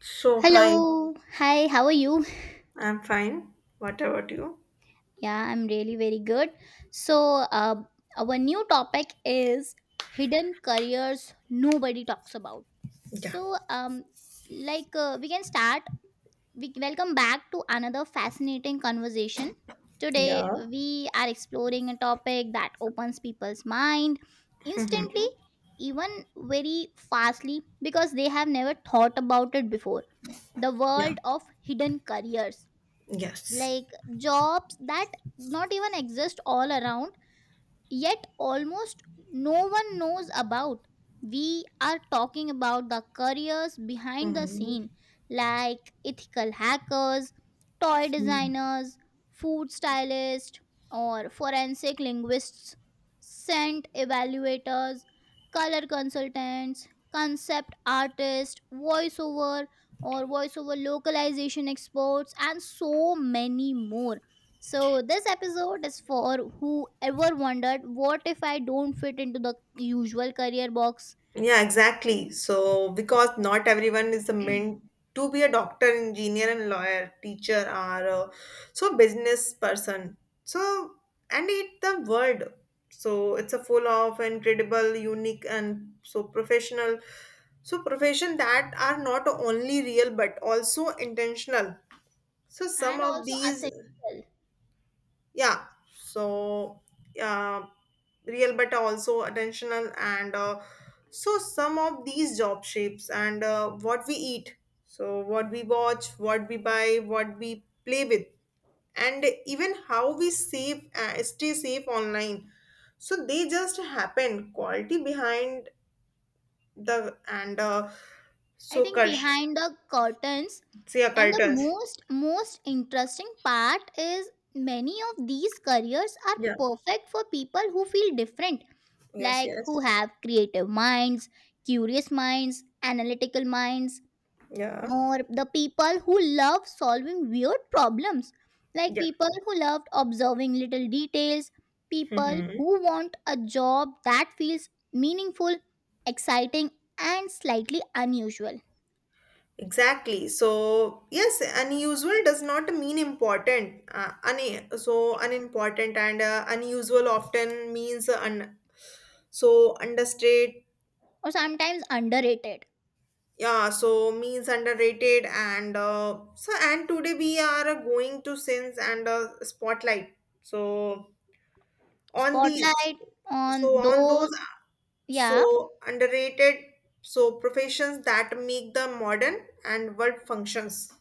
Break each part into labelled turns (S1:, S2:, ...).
S1: So, hi,
S2: Hello. Hi, how are you?
S1: I'm fine. What about you?
S2: Yeah, I'm really very good. So, uh, our new topic is hidden careers nobody talks about.
S1: Yeah,
S2: So, um, we can start. We welcome back to another fascinating conversation. Today,
S1: yeah.
S2: we are exploring a topic that opens people's mind instantly,
S1: Mhm.
S2: even very fastly, because they have never thought about it before. The
S1: Yeah,
S2: world of hidden careers,
S1: yes.
S2: like jobs that not even exist all around, yet almost no one knows about. We are talking about the careers behind the
S1: Mhm.
S2: scene, like ethical hackers, toy
S1: Mhm.
S2: designers, food stylists, or forensic linguists, scent evaluators, color consultants, concept artists, voiceover or voiceover localization experts, and so many more. So, this episode is for whoever wondered, what if I don't fit into the usual career box,
S1: Yeah, exactly. So, because not everyone is a meant to be a doctor, engineer, and lawyer, teacher, or so business person. So, and it the world. So, it's a full of incredible, unique, and so professional. So, profession that are not only real but also intentional. So some
S2: and
S1: of
S2: also
S1: these,
S2: essential.
S1: yeah. So uh, real, but also attentional, and so some of these job shapes and what we eat, so what we watch, what we buy, what we play with, and even how we save, stay safe online. So they just happen. Quality behind the and
S2: I
S1: so
S2: think
S1: cult,
S2: behind the curtains,
S1: say
S2: and the
S1: curtains.
S2: most interesting part is many of these careers are
S1: Yeah.
S2: perfect for people who feel different,
S1: Yes.
S2: like who
S1: Yes.
S2: have creative minds, curious minds, analytical minds,
S1: Yeah.
S2: or the people who love solving weird problems, like
S1: Yeah.
S2: people who loved observing little details, people
S1: Mm-hmm.
S2: who want a job that feels meaningful, exciting, and slightly unusual,
S1: Exactly. So, yes, unusual does not mean important. So, unimportant and unusual often means so understated.
S2: or sometimes underrated.
S1: Yeah, so means underrated and so and today we are going to sins and spotlight. So on these,
S2: Spotlight
S1: so
S2: on
S1: on those,
S2: those, yeah.
S1: so underrated, so professions that make the modern and world functions.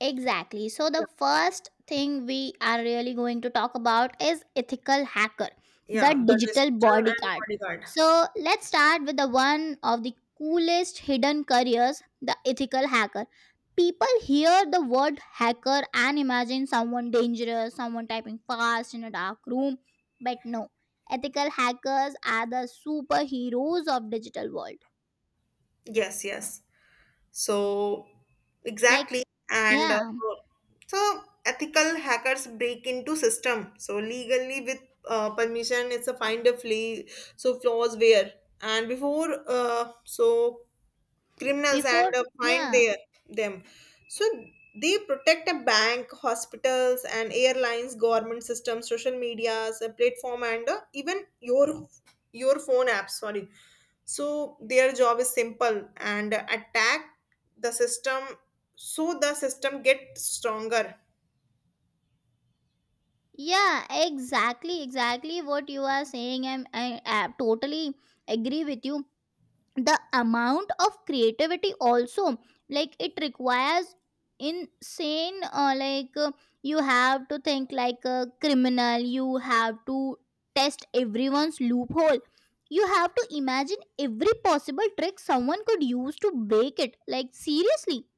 S2: Exactly. So, the first thing we are really going to talk about is ethical hacker, the
S1: Yeah, the
S2: digital
S1: digital and
S2: bodyguard.
S1: bodyguard.
S2: So, let's start with the one of the coolest hidden careers, the ethical hacker. People hear the word hacker and imagine someone dangerous, someone typing fast in a dark room, but no. Ethical hackers are the superheroes of digital world.
S1: Yes, yes. So,
S2: Like,
S1: exactly. And
S2: yeah,
S1: so, ethical hackers break into system. So, legally with permission, it's a find a flea. So, flaws where and before. So, criminals and
S2: before,
S1: find
S2: yeah.
S1: their them so they protect a bank hospitals and airlines government systems social medias a platform and even your phone app sorry so their job is simple and attack the system so the system get stronger
S2: Yeah, exactly, exactly what you are saying. I totally agree with you. The amount of creativity also, like it requires insane, you have to think like a criminal, you have to test everyone's loophole. You have to imagine every possible trick someone could use to break it. Like, seriously,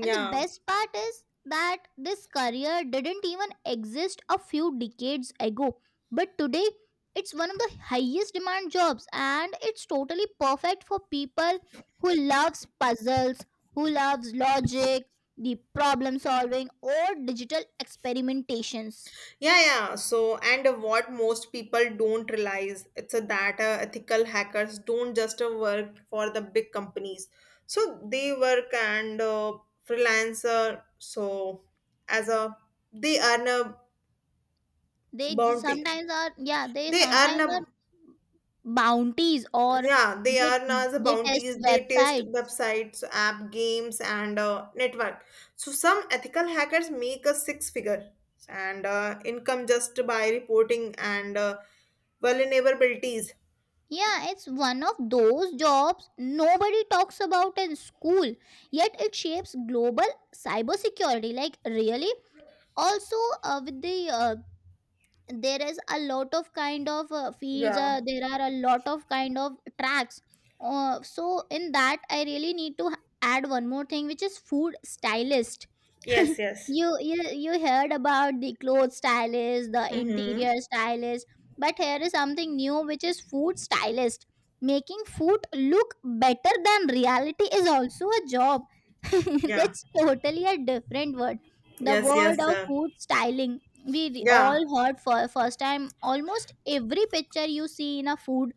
S2: and the best part is that this career didn't even exist a few decades ago. But today, it's one of the highest demand jobs and it's totally perfect for people who loves puzzles, who loves logic, the problem solving or digital experimentations.
S1: Yeah, yeah. So, and what most people don't realize, it's a that ethical hackers don't just work for the big companies. So they work and freelancer. So as a they earn a
S2: They
S1: bounty,
S2: sometimes are, yeah, they
S1: they earn
S2: sometimes are
S1: a
S2: bounties or
S1: yeah, they
S2: they
S1: are now the
S2: they test
S1: bounties. They test
S2: websites.
S1: websites, app, games, and network. So some ethical hackers make a six figure and income just by reporting and vulnerabilities.
S2: Yeah, it's one of those jobs nobody talks about in school, yet it shapes global cybersecurity. Like, really? Also, with the there is a lot of kind of fields,
S1: Yeah.
S2: there are a lot of kind of tracks. So, in that, I really need to add one more thing, which is food stylist.
S1: Yes, yes.
S2: You heard about the clothes stylist, the
S1: Mm-hmm.
S2: interior stylist, but here is something new, which is food stylist. Making food look better than reality is also a job
S1: Yeah.
S2: that's totally a different word, the
S1: Yes, yes.
S2: word of food styling. We
S1: Yeah.
S2: all heard for first time. Almost every picture you see in a food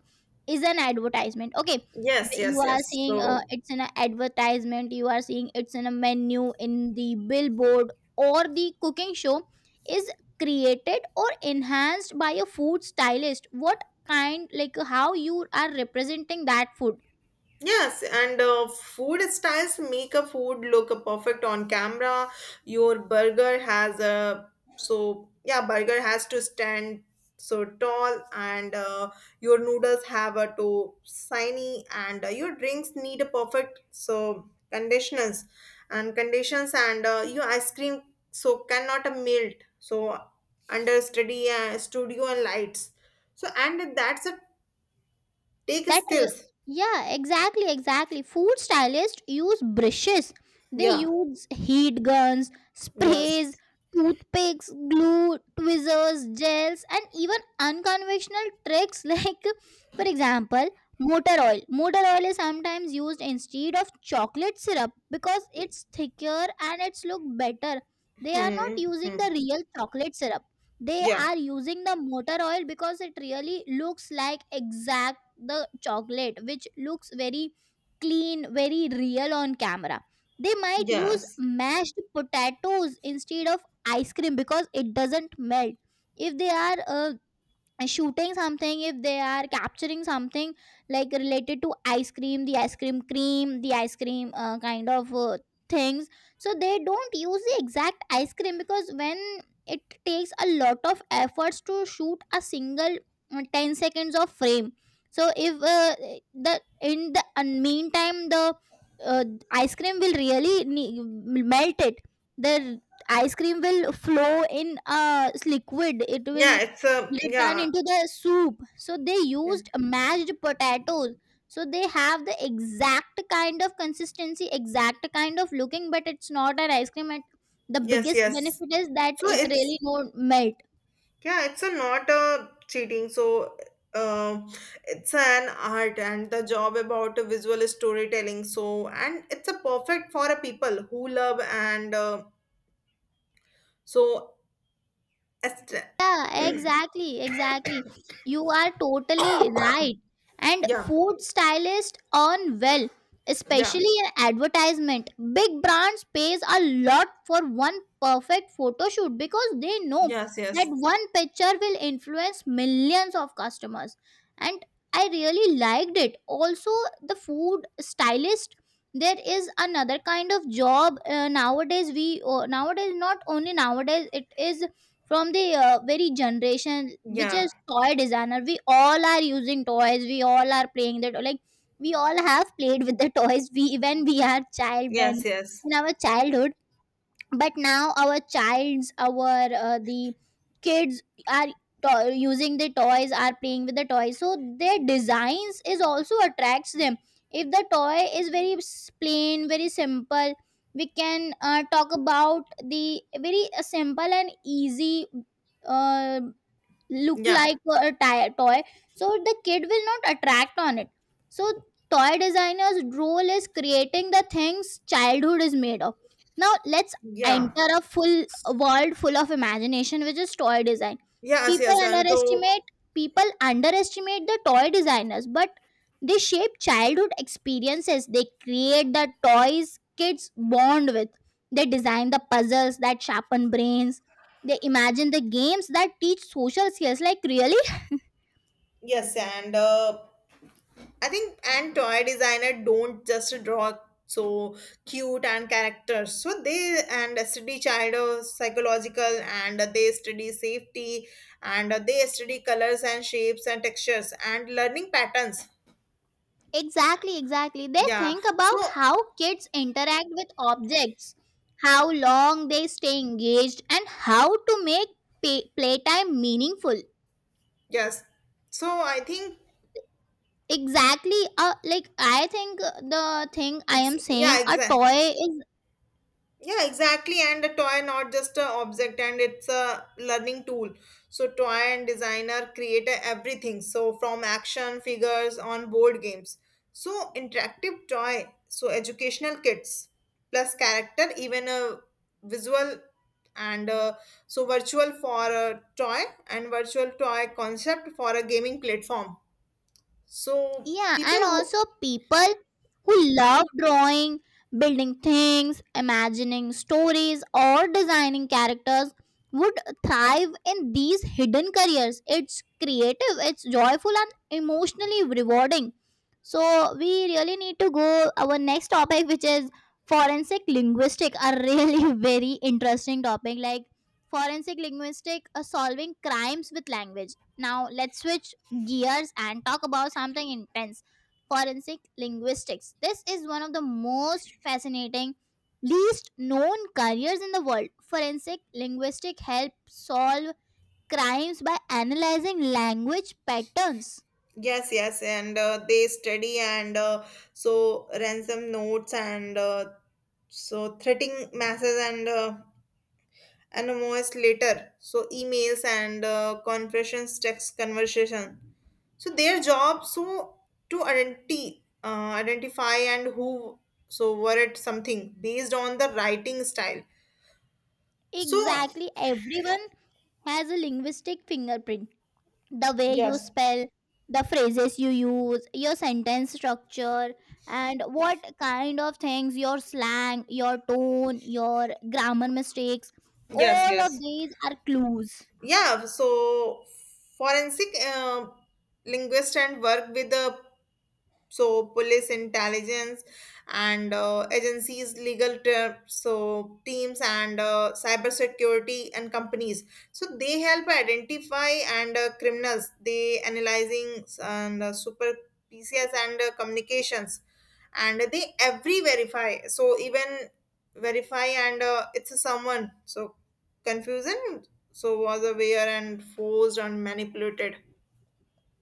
S2: is an advertisement, okay.
S1: Yes,
S2: You
S1: yes,
S2: are
S1: yes.
S2: seeing,
S1: So
S2: it's in an advertisement, you are seeing it's in a menu, in the billboard, or the cooking show, is created or enhanced by a food stylist. What kind, like how you are representing that food.
S1: yes, and food styles make a food look perfect on camera. Your burger has a so yeah, burger has to stand so tall, and your noodles have a to shiny, and your drinks need a perfect so conditioners and conditions, and your ice cream so cannot a melt so under study studio and lights. So and that's a take
S2: that re-
S1: skills.
S2: yeah, exactly, exactly. Food stylists use brushes, they
S1: Yeah.
S2: use heat guns, sprays,
S1: Yes.
S2: toothpicks, glue, tweezers, gels, and even unconventional tricks, like for example, motor oil is sometimes used instead of chocolate syrup because it's thicker and it's look better. They are not
S1: Hmm.
S2: using
S1: Hmm.
S2: the real chocolate syrup, they
S1: Yeah.
S2: are using the motor oil because it really looks like exact the chocolate, which looks very clean, very real on camera. They might use
S1: Yes.
S2: mashed potatoes instead of ice cream because it doesn't melt. If they are shooting something, if they are capturing something like related to ice cream, the ice cream, kind of things, so they don't use the exact ice cream, because when it takes a lot of efforts to shoot a single 10 seconds of frame, so if the in the meantime the uh, ice cream will really melt it, the ice cream will flow in a liquid, it
S1: Yeah.
S2: will,
S1: It's a
S2: they turn
S1: yeah.
S2: into the soup, so they
S1: Yeah.
S2: used mashed potatoes, so they have the exact kind of consistency, exact kind of looking, but it's not an ice cream. And the
S1: Yes.
S2: biggest
S1: Yes.
S2: benefit is that
S1: So
S2: it
S1: it's
S2: really don't melt.
S1: yeah. It's a not a cheating. So um, it's an art and the job about a visual storytelling. So and it's a perfect for a people who love and so est-
S2: Yeah, exactly, exactly. You are totally right. And
S1: yeah.
S2: food stylists earn well,
S1: Yeah.
S2: especially in advertisement. Big brands pays a lot for one perfect photo shoot because they know
S1: Yes.
S2: that
S1: Yes.
S2: one picture will influence millions of customers. And I really liked it. Also, the food stylist, there is another kind of job, nowadays, not only nowadays, it is from the very generation, which
S1: Yeah.
S2: is toy designer. We all are using toys, we all are playing that, like we all have played with the toys, we when we are child, when
S1: Yes. Yes.
S2: in our childhood. But now our childs, our the kids are using the toys, are playing with the toys, so their designs is also attracts them. If the toy is very plain, very simple, we can talk about the very simple and easy uh, look,
S1: Yeah.
S2: like a toy, so the kid will not attract on it. So toy designer's role is creating the things childhood is made of. Now let's
S1: Yeah.
S2: enter a full world full of imagination, which is toy design.
S1: Yes.
S2: people
S1: Yes. And to
S2: underestimate People underestimate the toy designers, but they shape childhood experiences, they create the toys kids bond with, they design the puzzles that sharpen brains, they imagine the games that teach social skills, like really.
S1: yes and. I think and toy designer don't just draw so cute and characters. So they and study child psychological and they study safety and they study colors and shapes and textures and learning patterns.
S2: Exactly, exactly. They
S1: Yeah.
S2: think
S1: So
S2: about how kids interact with objects, how long they stay engaged, and how to make playtime meaningful.
S1: yes. So I think
S2: Exactly. I think, the thing I am saying,
S1: yeah
S2: a
S1: exactly.
S2: toy is,
S1: Yeah, exactly. And a toy, not just a object, and it's a learning tool. So, toy and designer create a everything. So, from action figures on board games. So, interactive toy. So, educational kits plus character, even a visual and so virtual for a toy and virtual toy concept for a gaming platform. So,
S2: yeah,
S1: people
S2: and
S1: who
S2: also people who love drawing, building things, imagining stories, or designing characters would thrive in these hidden careers. It's creative, it's joyful, and emotionally rewarding. So, we really need to go our next topic, which is forensic linguistic, a really very interesting topic. Like forensic linguistic, solving crimes with language. Now, let's switch gears and talk about something intense, forensic linguistics. This is one of the most fascinating, least known careers in the world. Forensic linguistics help solve crimes by analyzing language patterns.
S1: yes, yes, and they study and so ransom notes and so threatening masses and anonymous later. So emails and conversations, text conversation. So their job so to identity, identify and who so were it something based on the writing style. So
S2: Exactly, everyone has a linguistic fingerprint. The way you
S1: yes.
S2: spell, the phrases you use, your sentence structure, and what kind of things, your slang, your tone, your grammar mistakes,
S1: Yes,
S2: all of
S1: yes.
S2: these are clues.
S1: Yeah, so forensic linguist and work with the so police intelligence and agencies legal so teams and cyber security and companies so they help identify and criminals they analyzing and super pcs and communications and they every verify so even verify and it's a someone so confusion so was aware and forced and manipulated,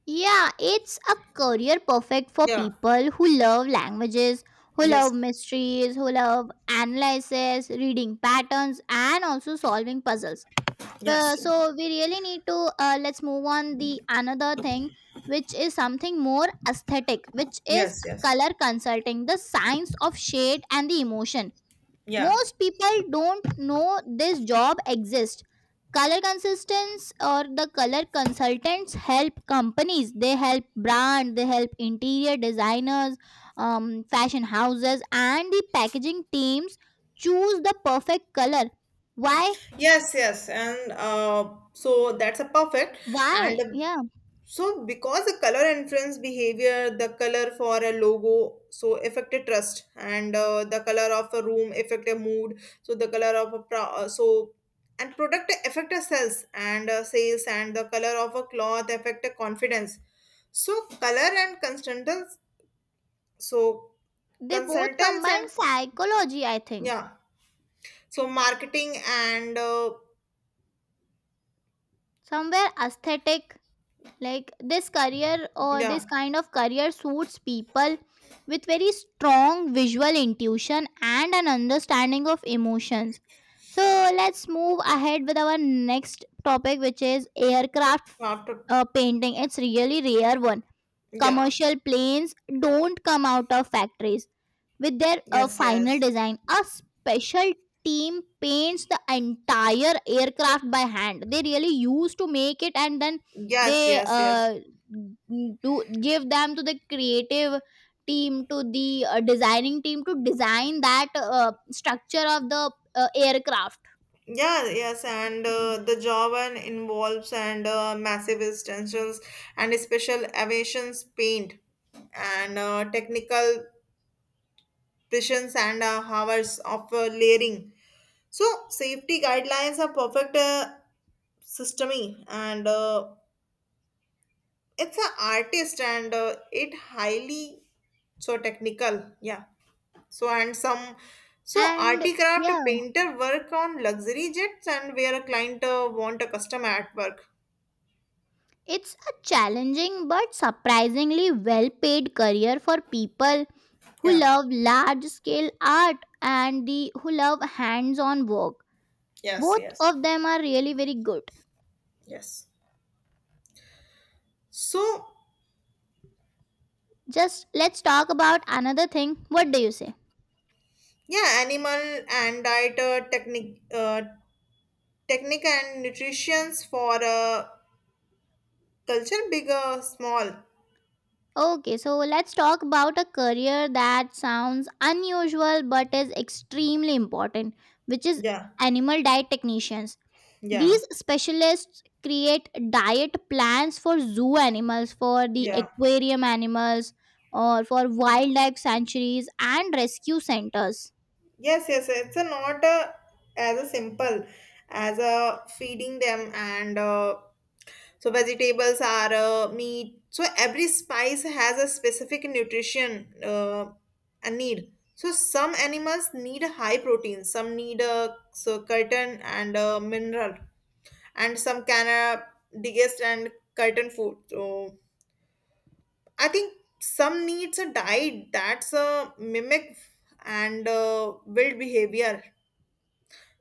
S2: Yeah, it's a career perfect for
S1: yeah,
S2: people who love languages, who love
S1: yes,
S2: mysteries, who love analysis, reading patterns, and also solving puzzles. Well,
S1: yes,
S2: so we really need to let's move on the another thing, which is something more aesthetic, which is
S1: yes, yes.
S2: color consulting, the science of shade and the emotion.
S1: Yeah.
S2: Most people don't know this job exists. Color consultants, or the color consultants, help companies, they help brand, they help interior designers, fashion houses and the packaging teams choose the perfect color. Why?
S1: Yes, yes. And so that's a perfect. And
S2: Yeah,
S1: so because the color influence behavior, the color for a logo, so affected trust and the color of a room affected mood. So the color of a pro so and product affected sales and sales and the color of a cloth affected confidence. So color and consultants, so
S2: they both
S1: consultants
S2: combine
S1: and
S2: psychology, I think,
S1: yeah. So marketing and
S2: somewhere aesthetic. Like this career, or
S1: yeah,
S2: this kind of career, suits people with very strong visual intuition and an understanding of emotions. So, let's move ahead with our next topic, which is aircraft
S1: after
S2: painting. It's really rare one.
S1: yeah.
S2: Commercial planes don't come out of factories with their
S1: Yes,
S2: final
S1: yes.
S2: design. A special team paints the entire aircraft by hand. They really used to make it, and then
S1: Yes,
S2: they
S1: yes, yes.
S2: do give them to the creative team, to the designing team, to design that structure of the aircraft.
S1: Yeah, yes, and
S2: Mm.
S1: the job and involves and massive extensions and special aviations paint and technical precisions and hours of layering. So safety guidelines are perfect systemy and it's an artist and it highly so technical. Yeah. So and some so
S2: And
S1: articraft
S2: yeah,
S1: painter work on luxury jets and where a client want a custom artwork.
S2: it's a challenging but surprisingly well paid career for people who
S1: Yeah.
S2: love large scale art, and the who love hands on work.
S1: Yes.
S2: Both
S1: Yes.
S2: of them are really very good.
S1: Yes. So
S2: Just let's talk about another thing, what do you say.
S1: yeah, animal and diet technique and nutritions for culture big or small.
S2: Okay, so let's talk about a career that sounds unusual but is extremely important, which is
S1: Yeah.
S2: animal diet technicians.
S1: Yeah,
S2: These specialists create diet plans for zoo animals, for the
S1: yeah.
S2: aquarium animals, or for wildlife sanctuaries and rescue centers.
S1: Yes, yes. It's a not a, as a simple as a feeding them and so vegetables are meat. So every spice has a specific nutrition and need. So some animals need high protein, some need a so curtain and a mineral, and some can digest and curtain food. So I think some needs a diet that's a mimic and build behavior.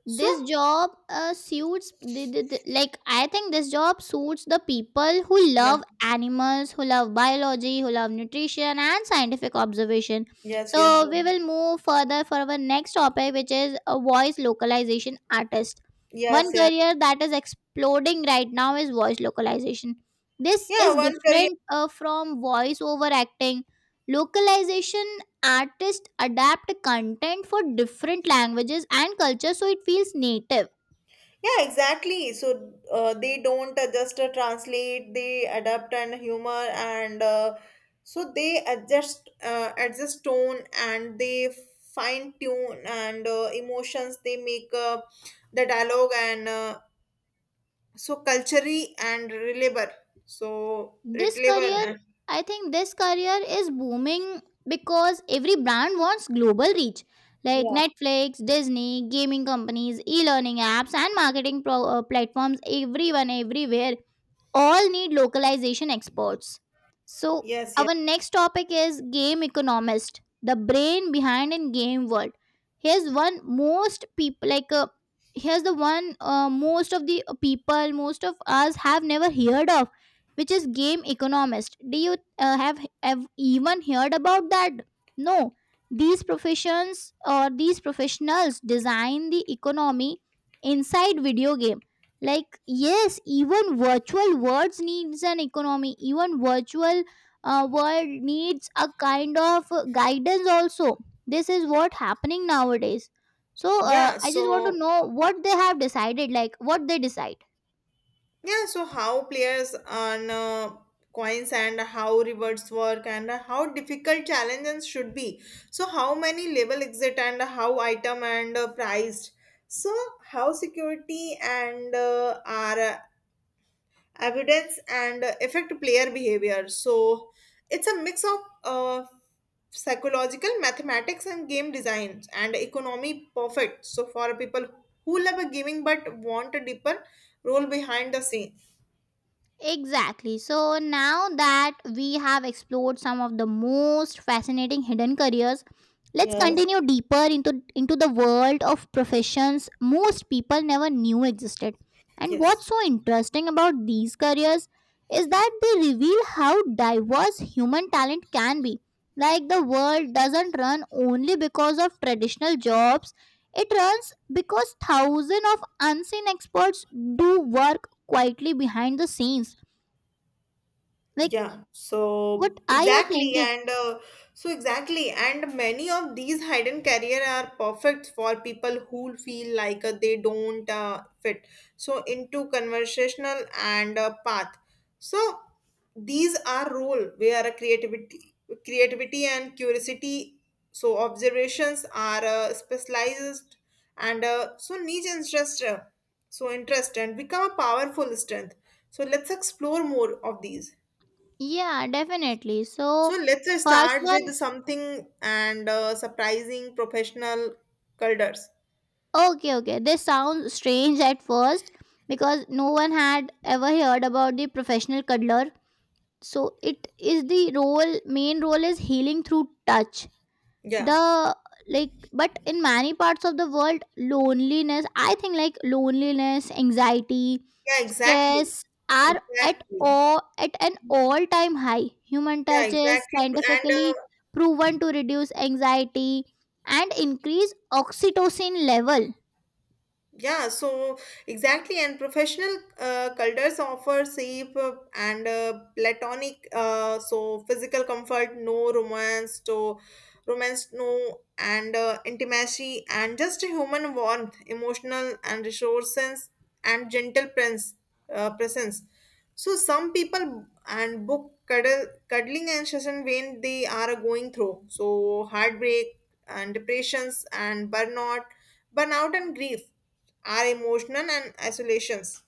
S1: So
S2: This job suits like I think this job suits the people who
S1: yeah,
S2: love animals, who love biology, who love nutrition and scientific observation.
S1: yes, yes,
S2: So
S1: yes,
S2: we will move further for our next topic, which is a voice localization artist.
S1: yes,
S2: One
S1: yes.
S2: career that is exploding right now is voice localization. This
S1: Yeah,
S2: is
S1: one career
S2: different from voice over acting. Localization artists adapt content for different languages and cultures so it feels native.
S1: yeah, exactly. So they don't just translate; they adapt and humor, and so they adjust, adjust tone, and they fine tune and emotions. They make the dialogue and so culturally and relatable. So
S2: This
S1: relatable.
S2: career I think this career is booming because every brand wants global reach, like
S1: Yeah.
S2: Netflix, Disney, gaming companies, e-learning apps, and marketing platforms, everyone everywhere all need localization experts. So,
S1: Yes. Yeah.
S2: our next topic is game economist, the brain behind in game world. Here's one most people here's the one, most of the people, most of us have never heard of, which is game economist. Do you have even heard about that? No. These professions, or these professionals, design the economy inside video games. Like yes, even virtual worlds needs an economy. Even virtual world needs a kind of guidance also. This is what happening nowadays. So
S1: Yeah.
S2: I just want to
S1: So
S2: know what they have decided, like what they decide.
S1: yeah, so how players earn coins and how rewards work and how difficult challenges should be. So how many level exit and how item and priced. So how security and are evidence and affect player behavior. So it's a mix of uh, psychological mathematics and game design and economy perfect. So for people who love a gaming but want a deeper role behind the scene.
S2: Exactly. So now that we have explored some of the most fascinating hidden careers, let's
S1: Yes.
S2: continue deeper into the world of professions most people never knew existed. And
S1: Yes.
S2: what's so interesting about these careers is that they reveal how diverse human talent can be. Like, the world doesn't run only because of traditional jobs, it runs because thousands of unseen experts do work quietly behind the scenes. Like,
S1: Yeah,
S2: what are you thinking?
S1: so exactly, and many of these hidden career are perfect for people who feel like they don't fit so into conversational and path. So these are role where a creativity, and curiosity, so observations are specialized and so niche interest, so interest and become a powerful strength. So let's explore more of these.
S2: Yeah, definitely.
S1: So
S2: So,
S1: let's
S2: first
S1: start with
S2: one,
S1: something and surprising professional culders.
S2: okay, okay. This sounds strange at first because no one had ever heard about the professional cuddler. So, it is the role, main role is healing through touch.
S1: Yeah.
S2: The like, but in many parts of the world loneliness, I think, like loneliness, anxiety,
S1: Yeah, exactly.
S2: stress are at
S1: Exactly.
S2: all, at an all time high. Human
S1: Yeah,
S2: touch is
S1: exactly. And
S2: scientifically proven to reduce anxiety and increase oxytocin level.
S1: yeah, so exactly. And professional culders offer safe and platonic, so physical comfort, no romance, so romance no and intimacy and just a human warmth emotional and resources and gentle presence presence so some people and book cuddle, cuddling and session when they are going through so heartbreak and depressions and burnout and grief are emotional and isolations,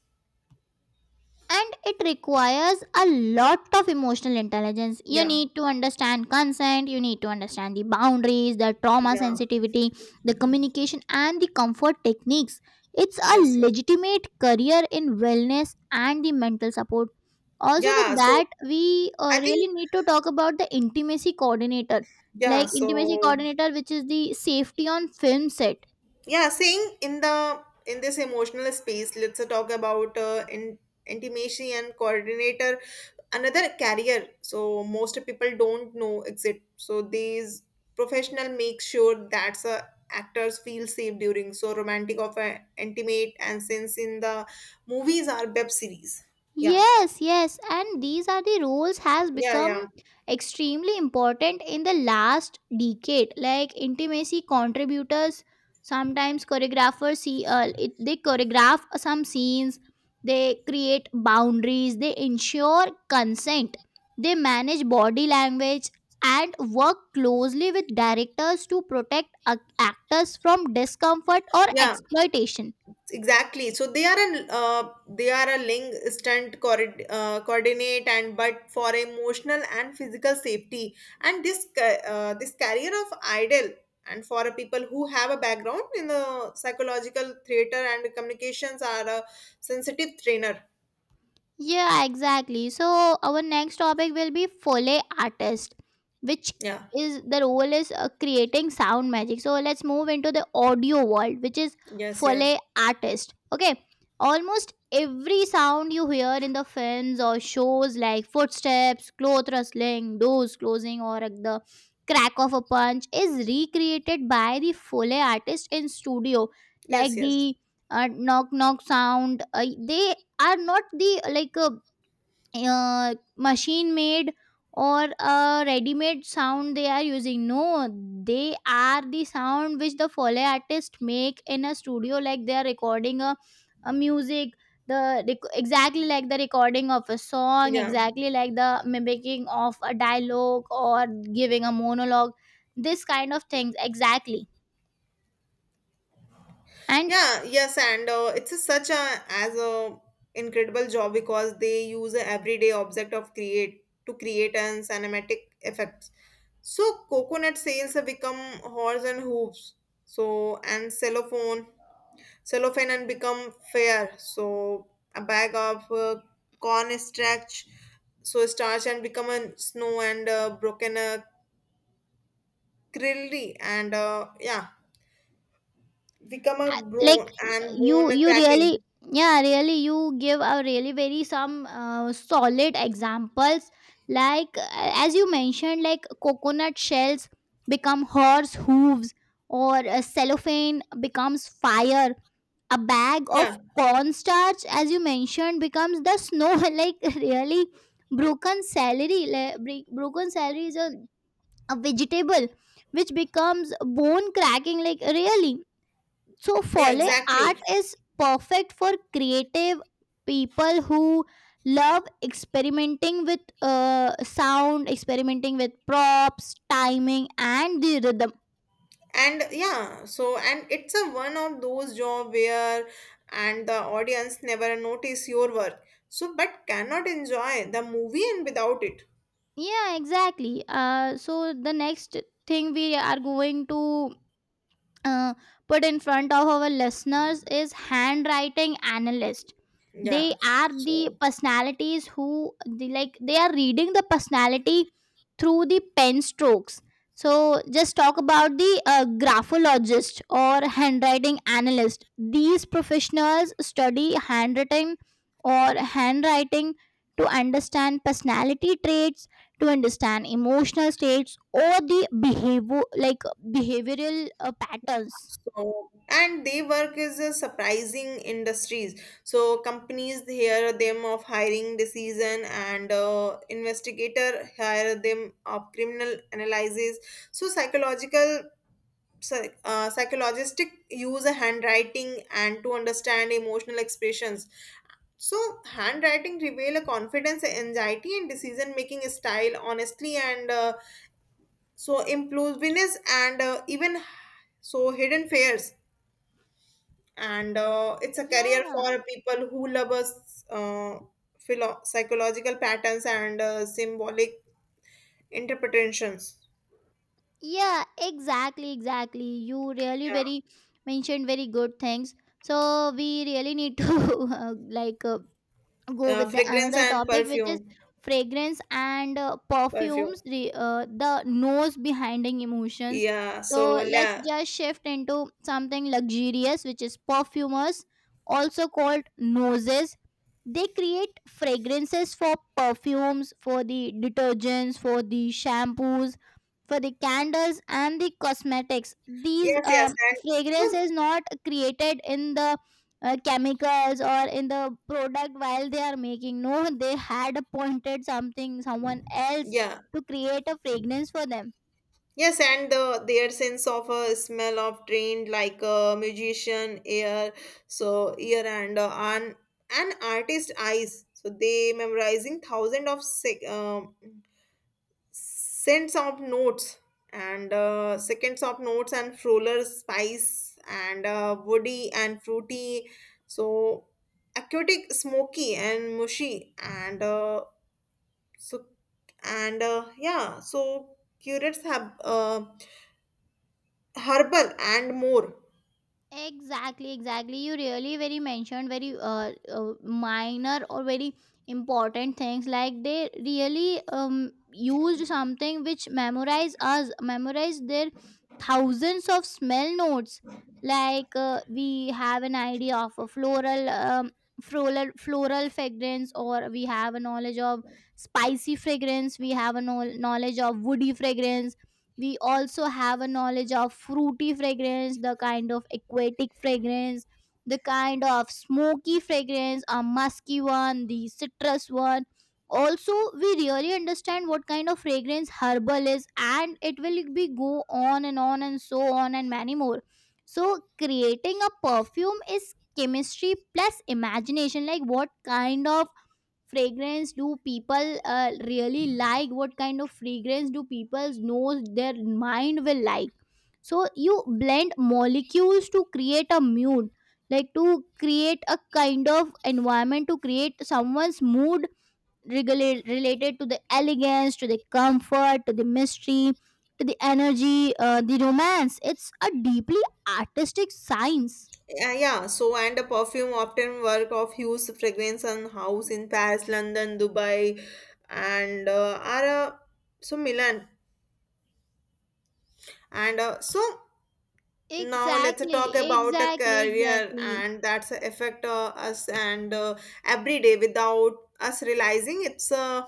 S2: And it requires a lot of emotional intelligence. You
S1: yeah,
S2: need to understand consent, you need to understand the boundaries, the trauma
S1: yeah,
S2: sensitivity, the communication and the comfort techniques. It's a
S1: yes, yes,
S2: legitimate career in wellness and the mental support. Also with
S1: yeah, so
S2: that, we
S1: I
S2: really
S1: think
S2: need to talk about the intimacy coordinator,
S1: yeah,
S2: like intimacy
S1: so
S2: coordinator, which is the safety on film set.
S1: yeah saying in the in this emotional space let's talk about intimacy and coordinator another career so most people don't know exit so these professional make sure that actors feel safe during so romantic of intimate and since in the movies are web series, yeah,
S2: Yes, yes, and these are the roles has
S1: yeah,
S2: become
S1: yeah,
S2: extremely important in the last decade. Like intimacy contributors, sometimes choreographers see it, they choreograph some scenes, they create boundaries, they ensure consent, they manage body language and work closely with directors to protect actors from discomfort or
S1: yeah.
S2: exploitation.
S1: Exactly. So they are a link, stunt, coordinate and but for emotional and physical safety and this this career of idol and for a people who have a background in the psychological theater and communications are a sensitive trainer.
S2: Yeah, exactly. So our next topic will be Foley artist, which
S1: Yeah.
S2: is the role is creating sound magic. So let's move into the audio world, which is
S1: Yes. Yes.
S2: Foley artist. Okay, almost every sound you hear in the films or shows, like footsteps, cloth rustling, doors closing, or like the crack of a punch is recreated by the Foley artist in studio. Like
S1: Yes. Yes.
S2: the knock knock sound, they are not the like machine made or a ready made sound they are using. No, they are the sound which the Foley artist make in a studio, like they are recording a music, the exactly like the recording of a song,
S1: Yeah.
S2: exactly like the mimicking of a dialogue or giving a monologue, this kind of things exactly. And
S1: Yeah, yes, and it's a, such a as a incredible job because they use a everyday object of create to create an cinematic effects. So coconut sales have become horse and hooves. So and cellophane, and become fair. So a bag of corn starch, so starch and become a snow and broken a krilly and yeah become a
S2: like,
S1: bone and bone
S2: you
S1: cracking.
S2: really, yeah really, you give a really very some solid examples. Like as you mentioned, like coconut shells become horse hooves, or cellophane becomes fire, a bag
S1: Yeah.
S2: of cornstarch, as you mentioned, becomes the snow like really, broken celery like, broken celery is a vegetable which becomes bone cracking, like really. So,
S1: Yeah,
S2: Foley art
S1: exactly.
S2: is perfect for creative people who love experimenting with sound, experimenting with props, timing, and the rhythm.
S1: And yeah, so and it's a one of those job where and the audience never notice your work. So but cannot enjoy the movie and without it.
S2: Yeah, exactly. So, the next thing we are going to uh, put in front of our listeners is handwriting analyst. They
S1: Yeah.
S2: are the
S1: So
S2: personalities who they, like they are reading the personality through the pen strokes. So just talk about the graphologist or handwriting analyst. These professionals study handwriting or handwriting to understand personality traits, to understand emotional states or the behavior, like behavioral patterns.
S1: so and they work is a surprising industries. So companies hear them of hiring decision and investigator hire them of criminal analysis. So psychological psychologists use a handwriting and to understand emotional expressions so handwriting reveal a confidence anxiety and decision making style honestly and so impulsiveness and even so hidden fears and it's a career
S2: Yeah,
S1: for people who love us psychological patterns and symbolic interpretations,
S2: yeah, exactly, exactly. You really
S1: yeah.
S2: very mentioned very good things. So we really need to uh, like uh, go with the
S1: Fragrance
S2: another
S1: and
S2: topic, which is
S1: perfume
S2: fragrance and
S1: perfume,
S2: perfumes. The nose behinding emotions.
S1: yeah,
S2: So
S1: so
S2: let's
S1: yeah,
S2: just shift into something luxurious, which is perfumers, also called noses. They create fragrances for perfumes, for the detergents, for the shampoos, for the candles and the cosmetics. These
S1: yes, yes, and
S2: fragrance
S1: well,
S2: is not created in the chemicals or in the product while they are making. No, they had appointed something, someone else
S1: yeah,
S2: to create a fragrance for them.
S1: yes, and the their sense of a smell of trained like a musician ear, so ear and an artist eyes. So they memorizing thousand of cents of notes and seconds of notes and roller spice and woody and fruity. So aquatic, smoky and mushy and. So and yeah, so curates have herbal and more.
S2: Exactly, exactly. You really very mentioned very minor or very important things. Like they really used something which memorize us, memorize their thousands of smell notes. Like we have an idea of a floral, floral fragrance, or we have a knowledge of spicy fragrance. We have a knowledge of woody fragrance, we also have a knowledge of fruity fragrance, the kind of aquatic fragrance, the kind of smoky fragrance, a musky one, the citrus one. Also we really understand what kind of fragrance herbal is, and it will be go on and so on and many more. So creating a perfume is chemistry plus imagination, like what kind of fragrance do people really like, what kind of fragrance do people's nose, their mind will like. So you blend molecules to create a mood, like to create a kind of environment, to create someone's mood, related to the elegance, to the comfort, to the mystery, to the energy, the romance. It's a deeply artistic science.
S1: Yeah, yeah. So and a perfume often work of hues, fragrance, and house in Paris, London, Dubai, and are so Milan. And so now let's talk
S2: Exactly,
S1: about a
S2: exactly,
S1: career
S2: exactly.
S1: and that's affect us and every day without us realizing it's a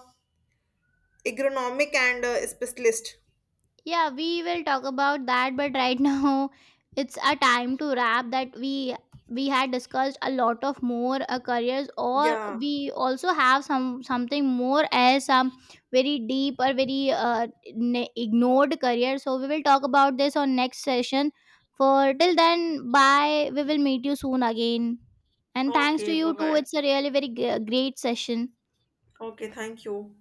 S1: agronomic and specialist.
S2: Yeah, we will talk about that, but right now it's a time to wrap. That we had discussed a lot of more careers, or
S1: Yeah.
S2: we also have some, something more, as some very deep or very ignored career. So we will talk about this on next session. For till then, bye, we will meet you soon again. And thanks to
S1: Okay. Bye
S2: you too,
S1: bye.
S2: it's a really very great session.
S1: Okay, thank you.